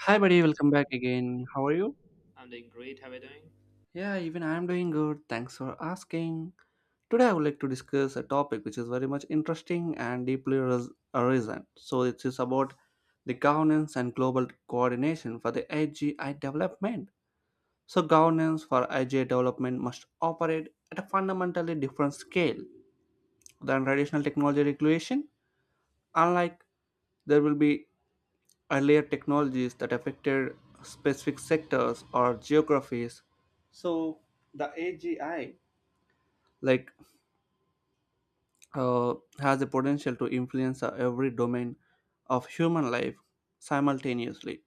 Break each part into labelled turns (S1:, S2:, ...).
S1: Hi, buddy. Welcome back again. How are you?
S2: I'm doing great. How are you doing?
S1: Yeah, even I am doing good. Thanks for asking. Today, I would like to discuss a topic which is very much interesting and deeply arisen. So, it is about the governance and global coordination for the AGI development. So, governance for AGI development must operate at a fundamentally different scale than traditional technology regulation. Unlike there will be earlier technologies that affected specific sectors or geographies. So the AGI, like uh, has the potential to influence every domain of human life simultaneously: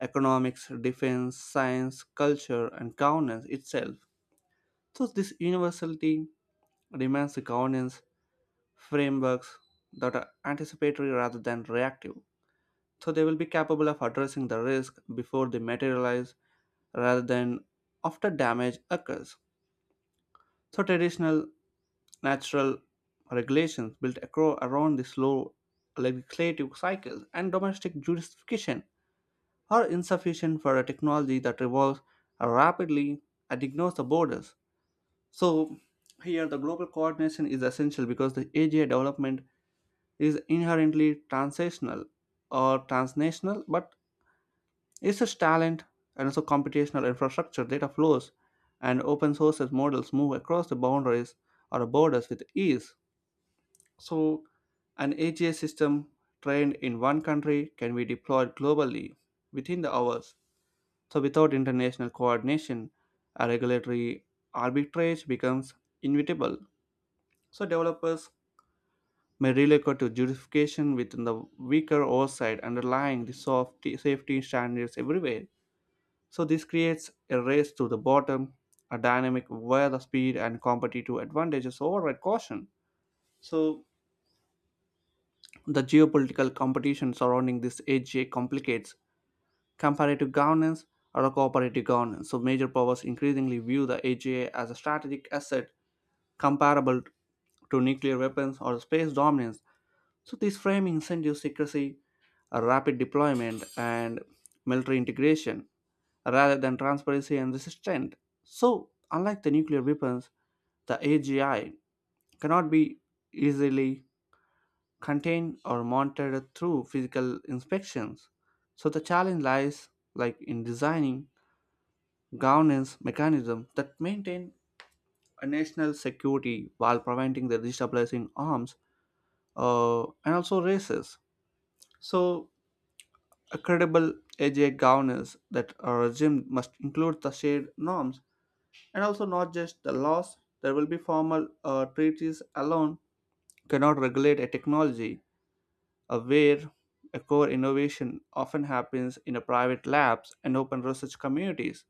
S1: economics, defense, science, culture, and governance itself. So this universality demands the governance frameworks that are anticipatory rather than reactive, so they will be capable of addressing the risk before they materialize rather than after damage occurs. So traditional natural regulations built around the slow legislative cycles and domestic jurisdiction are insufficient for a technology that evolves rapidly and ignores the borders. So here the global coordination is essential because the AGI development is inherently transitional or transnational, but it's such talent, and also computational infrastructure, data flows, and open sources models move across the boundaries or borders with ease. So, an AGI system trained in one country can be deployed globally within the hours. So, without international coordination, a regulatory arbitrage becomes inevitable. So, developers may relocate to jurisdiction within the weaker oversight underlying the soft safety standards everywhere. So this creates a race to the bottom, a dynamic where the speed and competitive advantages override caution. So the geopolitical competition surrounding this AGA complicates comparative governance or a cooperative governance. So major powers increasingly view the AGA as a strategic asset comparable to nuclear weapons or space dominance. So this framing incentives secrecy, a rapid deployment, and military integration rather than transparency and resistance. So, unlike the nuclear weapons, the AGI cannot be easily contained or monitored through physical inspections. So the challenge lies like in designing governance mechanisms that maintain a national security while preventing the destabilizing arms and also races. So a credible AGI governance that a regime must include the shared norms. And also, not just the laws, there will be formal treaties alone cannot regulate a technology where a core innovation often happens in a private labs and open research communities.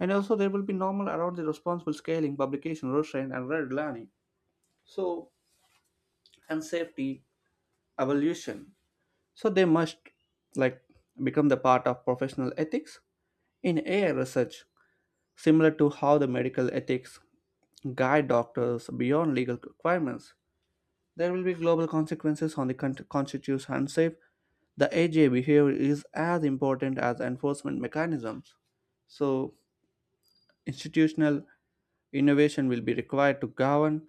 S1: And also, there will be normal around the responsible scaling, publication, restraint, and red learning. So, and safety evolution. So, they must like become the part of professional ethics in AI research, similar to how the medical ethics guide doctors beyond legal requirements. There will be global consequences on the constitutes unsafe. The AJ behavior is as important as enforcement mechanisms. So, institutional innovation will be required to govern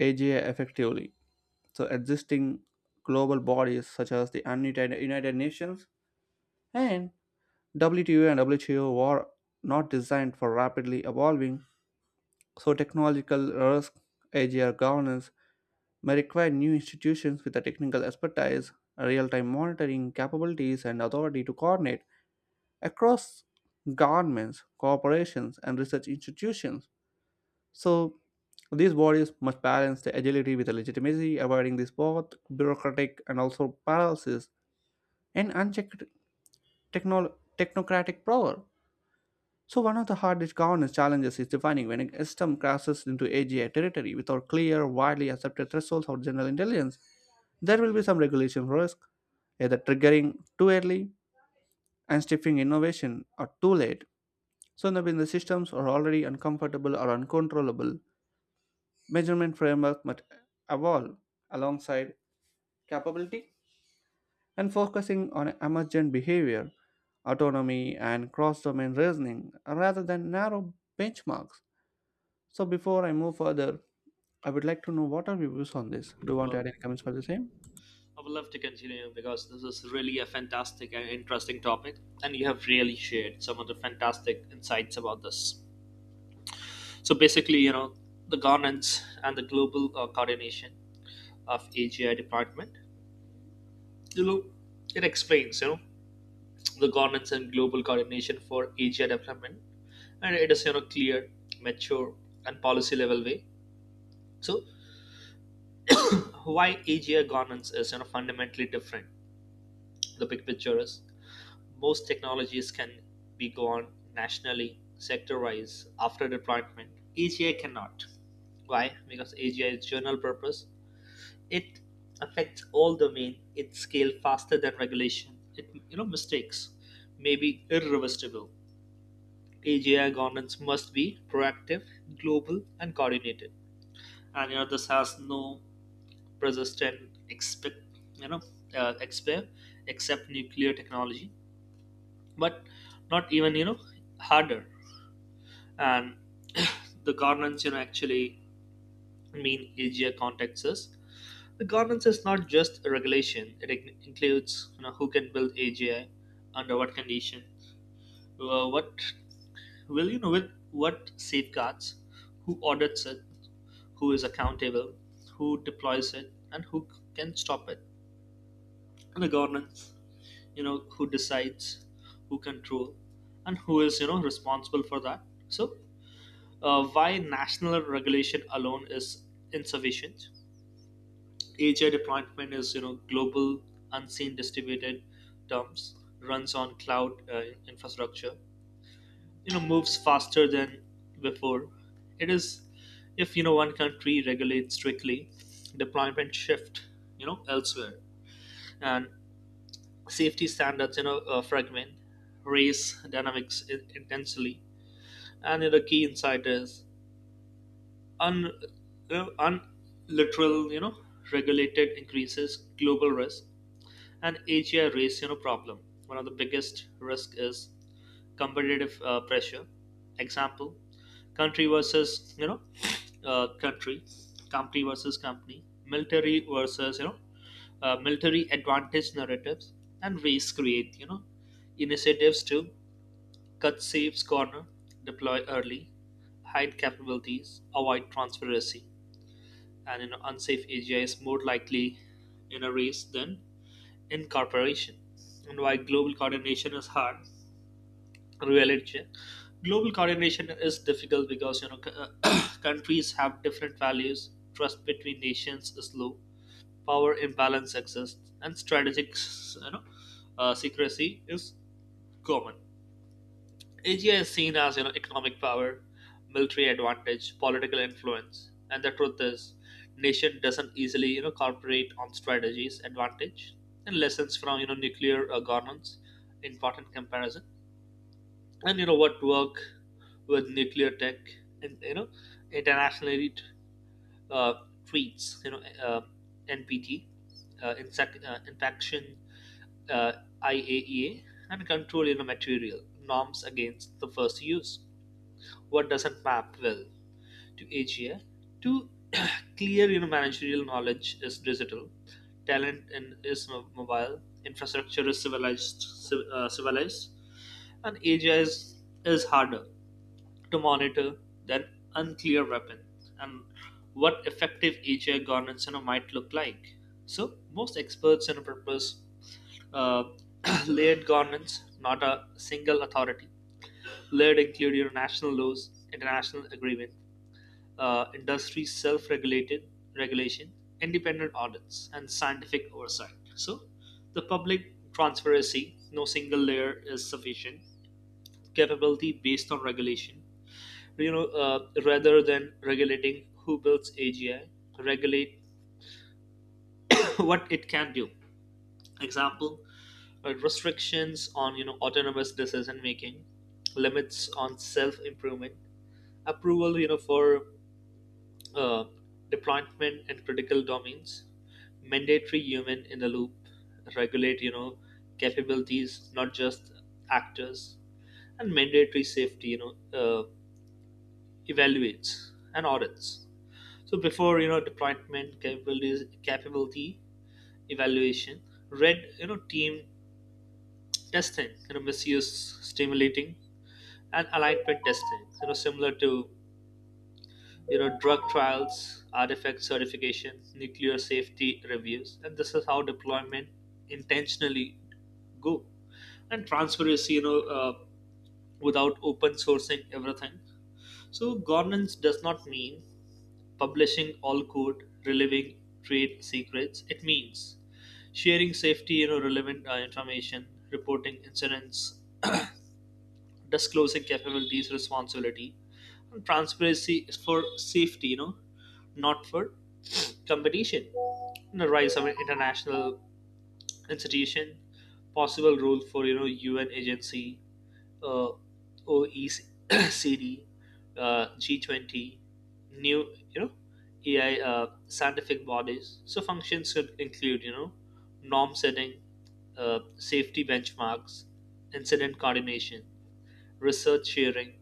S1: AGI effectively. So, existing global bodies such as the United Nations and WTO and WHO were not designed for rapidly evolving. So, technological risk, AGR governance, may require new institutions with the technical expertise, real-time monitoring capabilities, and authority to coordinate across governments, corporations, and research institutions. So these bodies must balance the agility with the legitimacy, avoiding this both bureaucratic and also paralysis and unchecked technocratic power. So one of the hardest governance challenges is defining when a system crashes into AGI territory without clear, widely accepted thresholds of general intelligence. There will be some regulation risk, either triggering too early and stifling innovation or too late. So that when the systems are already uncomfortable or uncontrollable, measurement framework must evolve alongside capability and focusing on emergent behavior, autonomy, and cross-domain reasoning rather than narrow benchmarks. So before I move further, I would like to know what are your views on this. Do you want to
S2: Well,
S1: add any comments for the
S2: absolutely.
S1: same?
S2: I would love to continue because this is really a fantastic and interesting topic, and you have really shared some of the fantastic insights about this. So basically, the governance and the global coordination of AGI department. You know, it explains the governance and global coordination for AGI development, and it is clear, mature, and policy level way. So why AGI governance is fundamentally different. The big picture is most technologies can be gone nationally, sector-wise, after deployment. AGI cannot. Why? Because AGI is general purpose. It affects all domain. It scales faster than regulation. It mistakes may be irreversible. AGI governance must be proactive, global, and coordinated. And this has no persistent expect you know expert except nuclear technology, but not even harder, and the governance actually mean Asia contexts. Us, the governance is not just a regulation. It includes who can build AGI, under what condition, what will with what safeguards, who audits it, who is accountable, who deploys it, and who can stop it. And the governance, who decides, who control, and who is responsible for that. So why national regulation alone is insufficient. AGI deployment is global, unseen, distributed terms, runs on cloud infrastructure. Moves faster than before. It is, if one country regulates strictly, deployment shift elsewhere, and safety standards fragment, race dynamics intensely, and the key insight is un, uh, unliteral, regulated increases global risk and Asia race, problem. One of the biggest risk is competitive pressure. Example, country versus, country, company versus company, military versus, military advantage narratives and ways create, initiatives to cut saves corner, deploy early, hide capabilities, avoid transparency, and an unsafe area is more likely in a race than incorporation. And why global coordination is hard, reality. Global coordination is difficult because countries have different values. Trust between nations is low. Power imbalance exists, and strategic, you know, secrecy is common. Asia is seen as economic power, military advantage, political influence, and the truth is, nation doesn't easily cooperate on strategies, advantage, and lessons from nuclear governance. Important comparison, and what work with nuclear tech, and internationally uh, treats NPT, insect, infection, uh, IAEA, and control material norms against the first use, what doesn't map well to AGI. To clear, managerial knowledge is digital, talent in, is mobile, infrastructure is civilized, civilized, and AGI is harder to monitor than unclear weapon, and what effective AGI governance, might look like. So most experts purpose uh, layered governance, not a single authority. Let include your national laws, international agreement, industry self-regulated regulation, independent audits, and scientific oversight. So, the public transparency, no single layer is sufficient. Capability based on regulation, rather than regulating who builds AGI, regulate what it can do. Example, restrictions on autonomous decision making, limits on self improvement, approval for uh, deployment in critical domains, mandatory human in the loop, regulate capabilities, not just actors, and mandatory safety evaluates and audits. So before deployment capabilities, capability evaluation, red team testing, misuse stimulating, and alignment testing, similar to drug trials, artifact certification, nuclear safety reviews, and this is how deployment intentionally go. And transparency, without open sourcing everything. So governance does not mean publishing all code, revealing trade secrets. It means sharing safety relevant information, reporting incidents, disclosing capabilities, responsibility, and transparency is for safety, not for competition. The rise of an international institution, possible role for UN agency, uh, OECD, G20, new AI scientific bodies. So functions could include norm setting, safety benchmarks, incident coordination, research sharing,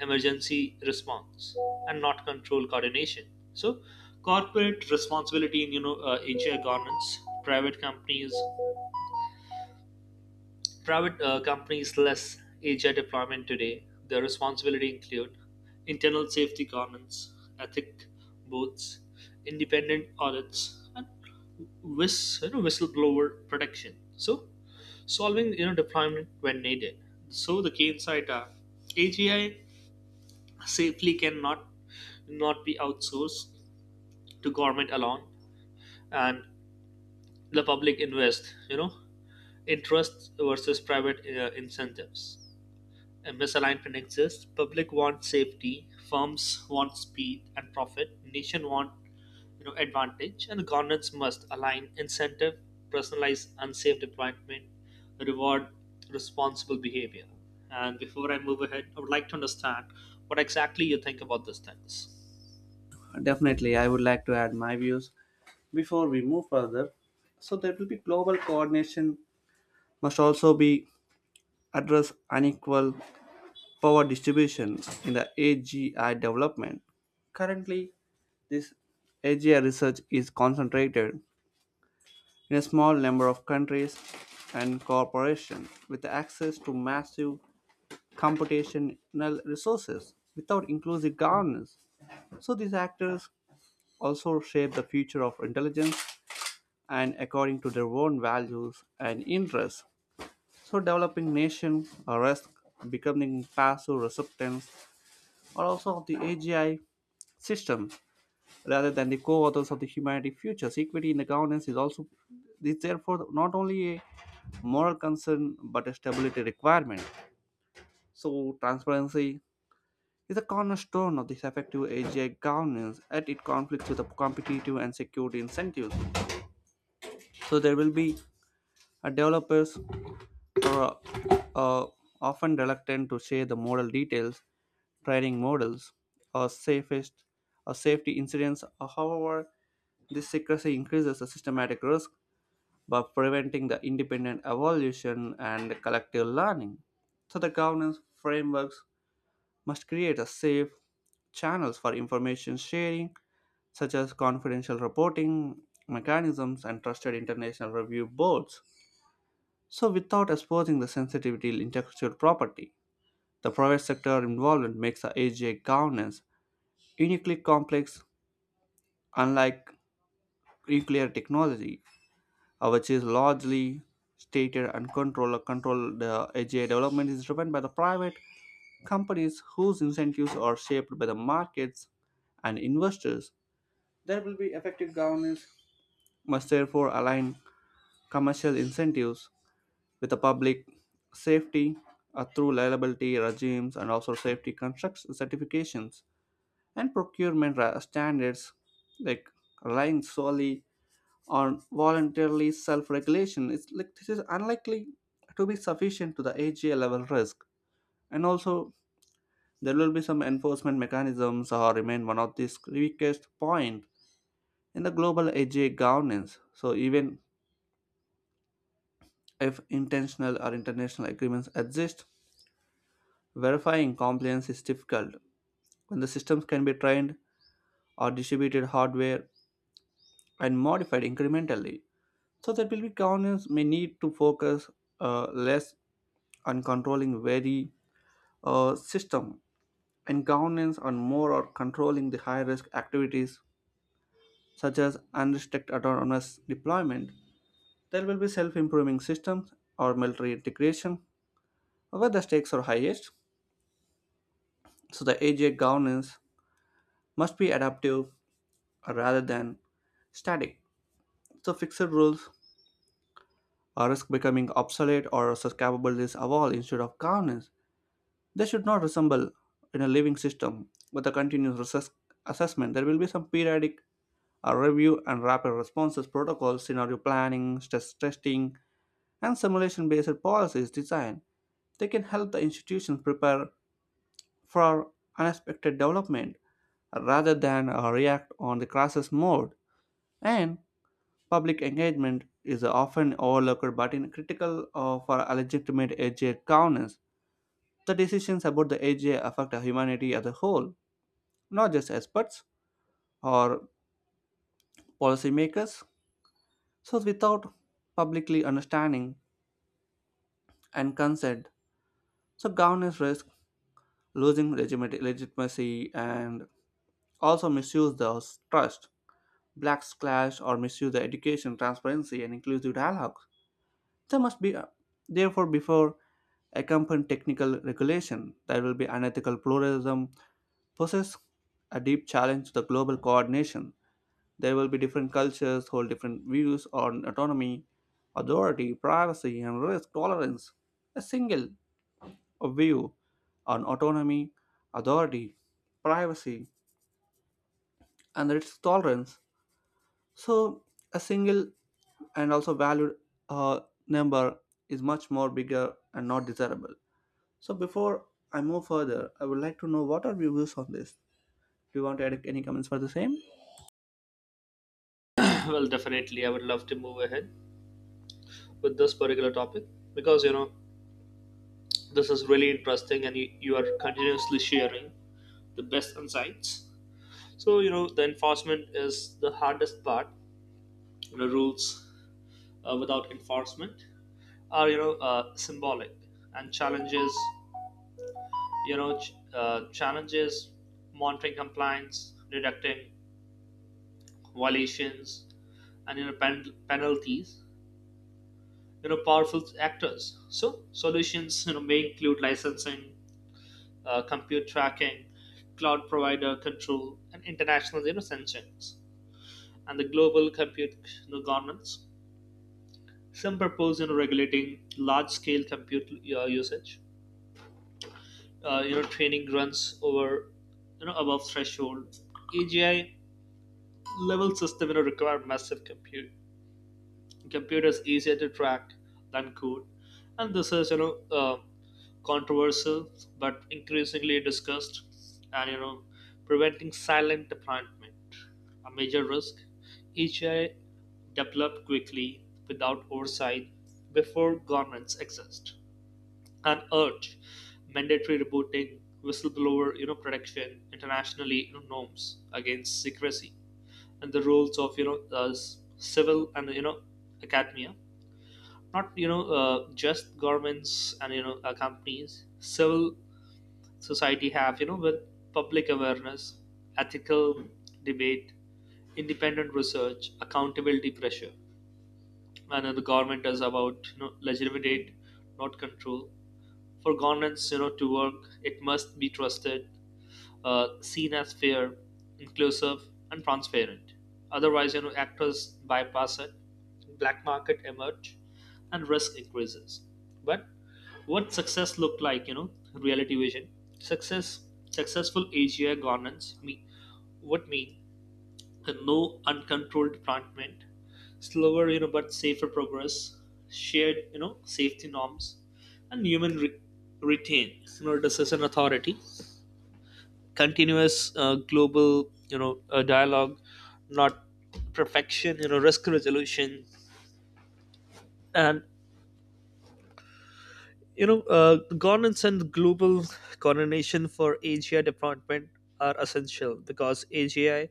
S2: emergency response, and not control coordination. So, corporate responsibility in AGI governance, private companies less AGI deployment today. Their responsibility include internal safety governance, ethic boards, independent audits, and whistleblower protection. So, solving deployment when needed. So the key insight are AGI safely cannot, not be outsourced to government alone, and the public invest, interest versus private incentives. A misalignment exists. Public wants safety, firms want speed and profit, nation want advantage, and governance must align incentive, personalize unsafe deployment, reward responsible behavior. And before I move ahead, I would like to understand what exactly you think about these things.
S1: Definitely, I would like to add my views before we move further. So there will be global coordination must also be address unequal power distribution in the AGI development. Currently this AGI research is concentrated in a small number of countries and corporations with access to massive computational resources without inclusive governance. So these actors also shape the future of intelligence and according to their own values and interests. So developing nations are risk becoming passive recipients or also of the AGI system rather than the co-authors of the humanity futures. Equity in the governance is also is therefore not only a moral concern but a stability requirement. So transparency is a cornerstone of this effective AGI governance, and it conflicts with the competitive and security incentives. So there will be a developers who are uh, often reluctant to share the model details, training models, or safest or safety incidents. However, this secrecy increases the systematic risk by preventing the independent evolution and collective learning. So the governance frameworks must create a safe channels for information sharing, such as confidential reporting mechanisms and trusted international review boards. So without exposing the sensitivity intellectual property, the private sector involvement makes the AGI governance uniquely complex, unlike nuclear technology, which is largely stated and controlled. Controlled AGI development is driven by the private companies whose incentives are shaped by the markets and investors. There will be effective governance must therefore align commercial incentives with the public safety through liability regimes and also safety construction certifications and standards, like relying solely on voluntarily self-regulation, it's like this is unlikely to be sufficient to the AGA level risk. And also there will be some enforcement mechanisms or remain one of these weakest point in the global AGA governance. So even if intentional or international agreements exist, verifying compliance is difficult when the systems can be trained or distributed hardware and modified incrementally. So that will be governance may need to focus less on controlling very system and governance on more or controlling the high risk activities such as unrestricted autonomous deployment, there will be self improving systems or military integration where the stakes are highest. So, the AGI governance must be adaptive rather than static. So, fixed rules or risk becoming obsolete or such capabilities evolve instead of governance. They should not resemble in a living system with a continuous assessment. There will be some periodic a review and rapid responses protocols, scenario planning, stress testing, and simulation based policies design. They can help the institutions prepare for unexpected development rather than react on the crisis mode. And public engagement is often overlooked but in critical for a legitimate AGI governance. The decisions about the AGI affect humanity as a whole, not just experts or policymakers. So, without publicly understanding and consent. So governance risk losing legitimacy and also misuse the trust. Blacks clash or misuse the education, transparency, and inclusive dialogue. There must be, therefore, before accompanying technical regulation, there will be unethical pluralism, poses a deep challenge to the global coordination. There will be different cultures, hold different views on autonomy, authority, privacy, and risk tolerance. A single a view on autonomy, authority, privacy, and risk tolerance. So, a single and also valued uh, number is much more bigger and not desirable. So, before I move further, I would like to know what are your views on this? Do you want to add any comments for the same?
S2: Well, definitely I would love to move ahead with this particular topic because this is really interesting, and you are continuously sharing the best insights. So the enforcement is the hardest part. Rules without enforcement are symbolic, and challenges, challenges monitoring compliance, detecting violations, and penalties, powerful actors. So solutions may include licensing, compute tracking, cloud provider control, and international, sanctions, and the global compute, governance. Some propose, regulating large-scale compute usage. Training runs over above threshold. AGI level system, require massive compute. Computers easier to track than code, and this is uh, controversial but increasingly discussed. And preventing silent deployment, a major risk. EGI developed quickly without oversight before governments exist and urge mandatory reporting, whistleblower protection, internationally, norms against secrecy. And the roles of civil and academia, not just governments and companies. Civil society have, with public awareness, ethical debate, independent research, accountability pressure. And the government is about legitimate, not control. For governance, to work, it must be trusted, seen as fair, inclusive, and transparent. Otherwise, actors bypass it, black market emerge, and risk increases. But what success looked like, reality vision. Success, successful AGI governance me, would mean no uncontrolled entrapment, slower, but safer progress, shared, safety norms, and human retain, decision authority, continuous global dialogue, not perfection, risk resolution. And governance and global coordination for AGI deployment are essential because AGI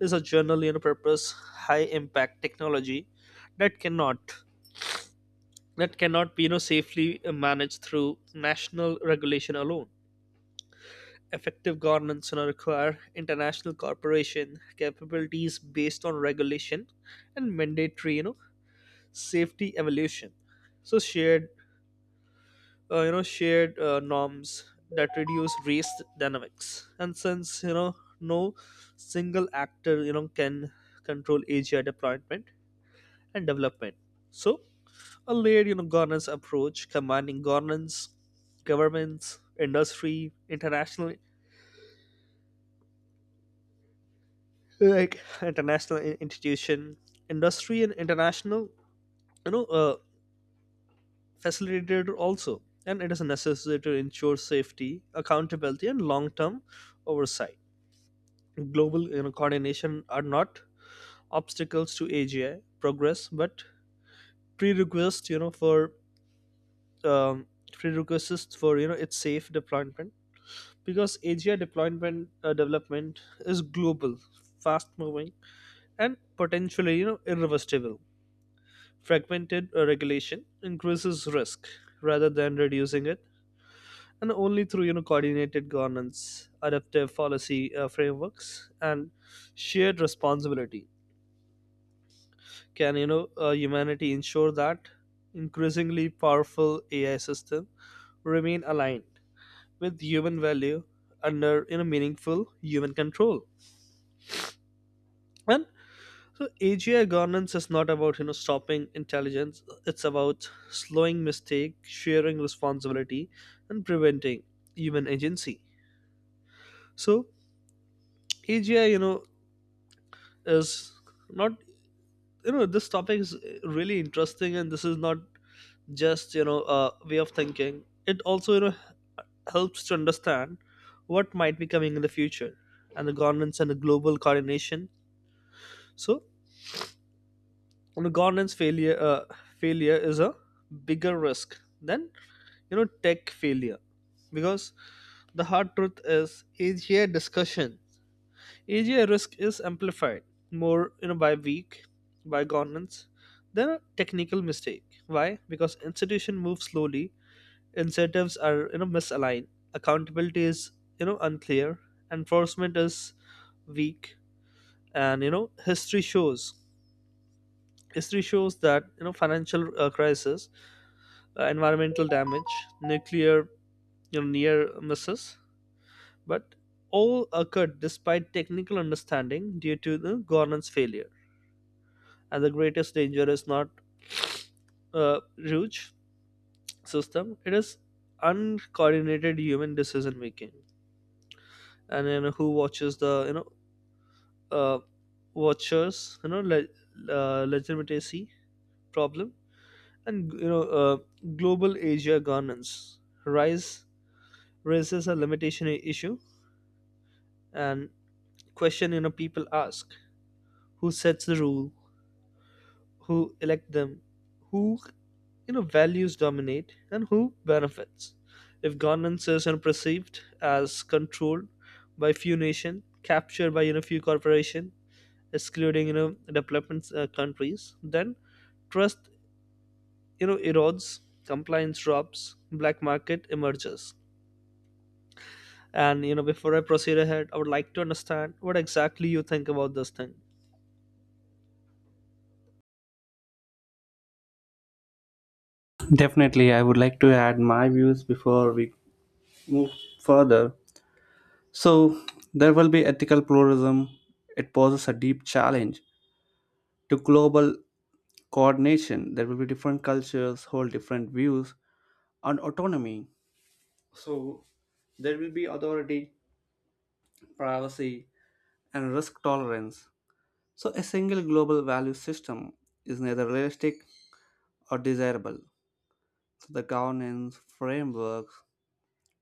S2: is a general, purpose, high impact technology that cannot, that cannot be safely managed through national regulation alone. Effective governance will require international cooperation, capabilities based on regulation, and mandatory, safety evolution. So shared, norms that reduce race dynamics. And since no single actor, can control AGI deployment and development. So a layered, governance approach combining governance, governments, industry, international, like international institution, industry and international, you know uh, facilitator also, and it is necessary to ensure safety, accountability, and long-term oversight. Global, coordination are not obstacles to AGI progress but prerequisites, you know for um, prerequisites for its safe deployment because AGI deployment development is global, fast moving, and potentially irreversible. Fragmented regulation increases risk rather than reducing it, and only through coordinated governance, adaptive policy frameworks, and shared responsibility can humanity ensure that increasingly powerful AI system remain aligned with human value under meaningful human control. And so AGI governance is not about stopping intelligence. It's about slowing mistake, sharing responsibility, and preventing human agency. So AGI, you know, is not you know this topic is really interesting, and this is not just a way of thinking. It also helps to understand what might be coming in the future, and the governance and the global coordination. So governance failure is a bigger risk than tech failure because the hard truth is AGI risk is amplified more by weak, by governance than a technical mistake. Why? Because institution move slowly, incentives are misaligned, accountability is unclear, enforcement is weak. And history shows that financial crisis, environmental damage, nuclear, near misses, but all occurred despite technical understanding due to the governance failure. And the greatest danger is not a huge system; it is uncoordinated human decision making. And who watches the, uh, watchers, legitimacy problem. And global Asia governance rise raises a limitation issue, and question, people ask, who sets the rule, who elect them, who, values dominate, and who benefits. If governance is, perceived as controlled by few nations, captured by few corporations, excluding development countries, then trust erodes, compliance drops, black market emerges. And before I proceed ahead, I would like to understand what exactly you think about this thing.
S1: Definitely, I would like to add my views before we move further. So, there will be ethical pluralism. It poses a deep challenge to global coordination. There will be different cultures, hold different views on autonomy. So there will be authority, privacy, and risk tolerance. So a single global value system is neither realistic or desirable. So the governance frameworks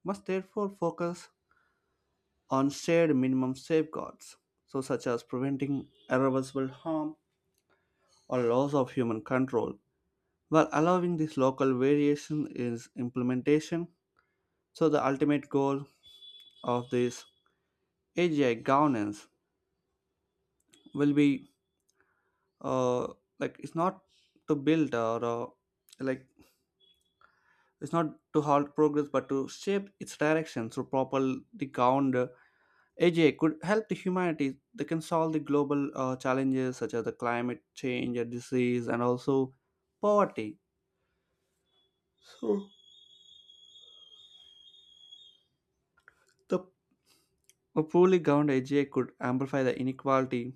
S1: must therefore focus on shared minimum safeguards, so such as preventing irreversible harm or loss of human control, while allowing this local variation is implementation. So the ultimate goal of this AGI governance will be uh, like it's not to build or like it's not to halt progress but to shape its direction through properly governed AGI could help the humanity, they can solve the global challenges such as the climate change and disease and also poverty. So the a poorly governed AGI could amplify the inequality,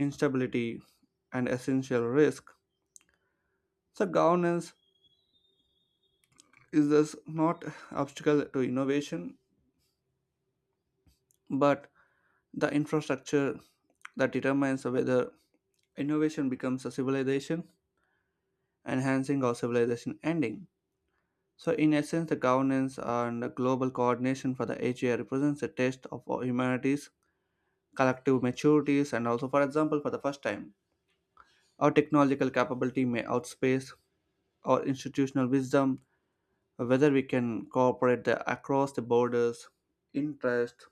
S1: instability, and essential risk. So governance is this not obstacle to innovation but the infrastructure that determines whether innovation becomes a civilization enhancing or civilization ending. So in essence the governance and the global coordination for the AGI represents a test of our humanity's collective maturities and also for example for the first time our technological capability may outspace our institutional wisdom. Whether we can cooperate the, across the borders, interest,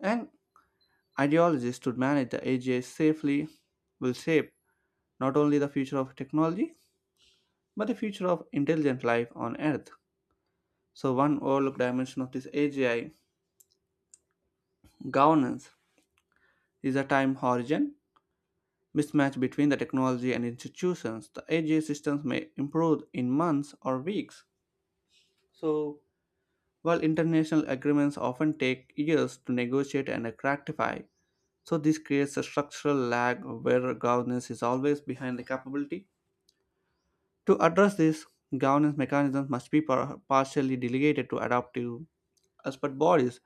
S1: and ideologists to manage the AGI safely will shape not only the future of technology but the future of intelligent life on Earth. So, one overlooked dimension of this AGI governance is the time horizon mismatch between the technology and institutions. The AGI systems may improve in months or weeks. So, while international agreements often take years to negotiate and ratify, so this creates a structural lag where governance is always behind the capability. To address this, governance mechanisms must be partially delegated to adaptive expert bodies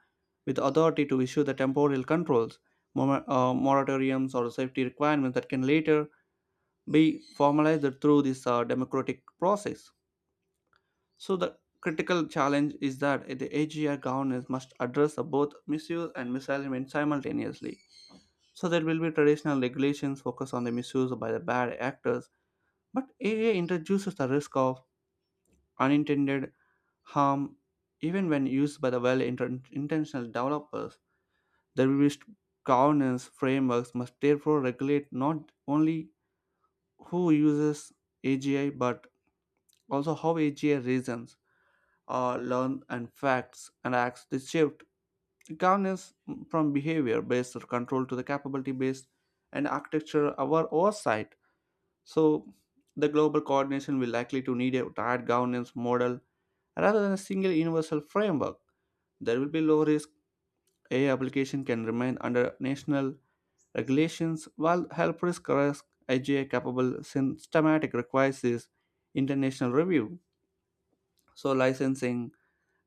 S1: with authority to issue the temporal controls, moratoriums, or safety requirements that can later be formalized through this democratic process. So, the critical challenge is that the AGI governance must address both misuse and misalignment simultaneously. So, there will be traditional regulations focused on the misuse by the bad actors, but AI introduces the risk of unintended harm even when used by the well intentioned developers. The revised governance frameworks must therefore regulate not only who uses AGI but also how AGI reasons, learn and facts and acts. This shift governance from behavior based control to the capability based and architecture our oversight. So the global coordination will likely to need a tight governance model rather than a single universal framework. There will be low risk AI application can remain under national regulations while helpers correct AGI capable systematic requires this international review. So licensing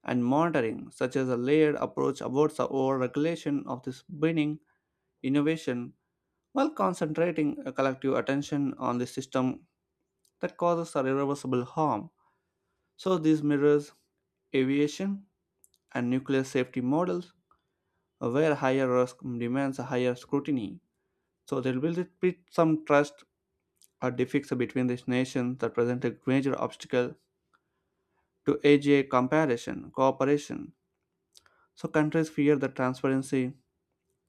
S1: and monitoring, such as a layered approach avoids the over regulation of this winning innovation while concentrating a collective attention on the system that causes a irreversible harm. So this mirrors aviation and nuclear safety models where higher risk demands a higher scrutiny. So there will be some trust or difficulty between these nations that present a major obstacle to AGA comparison, cooperation. So countries fear that transparency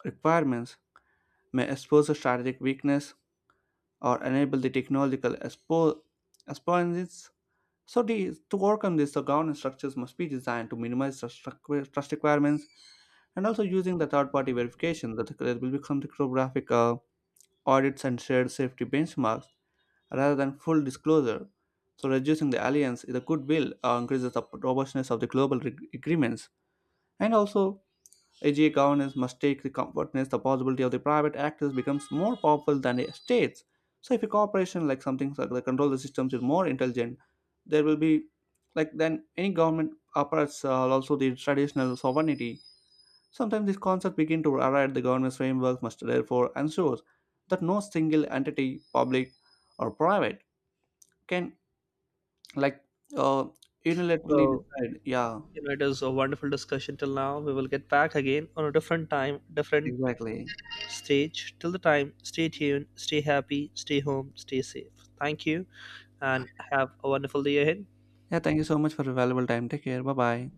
S1: requirements may expose a strategic weakness or enable the technological exponents. So the, to overcome this, the governance structures must be designed to minimize the trust requirements and also using the third-party verification that there will become the cryptographic audits and shared safety benchmarks rather than full disclosure. So, reducing the alliance, the goodwill increases the robustness of the global agreements. And also, AGA governance must take the comfortness, the possibility of the private actors becomes more powerful than the states. So, if a corporation like something like the control the systems is more intelligent, there will be like then any government operates also the traditional sovereignty. Sometimes these concepts begin to arrive. The governance framework must therefore ensure that no single entity, public or private, can like uh, unilaterally
S2: Well,
S1: decide. Yeah,
S2: it is a wonderful discussion till now. We will get back again on a different time, different
S1: exactly.
S2: stage. Till the time, stay tuned, stay happy, stay home, stay safe. Thank you, and have a wonderful day ahead.
S1: Yeah, thank you so much for your valuable time. Take care. Bye bye.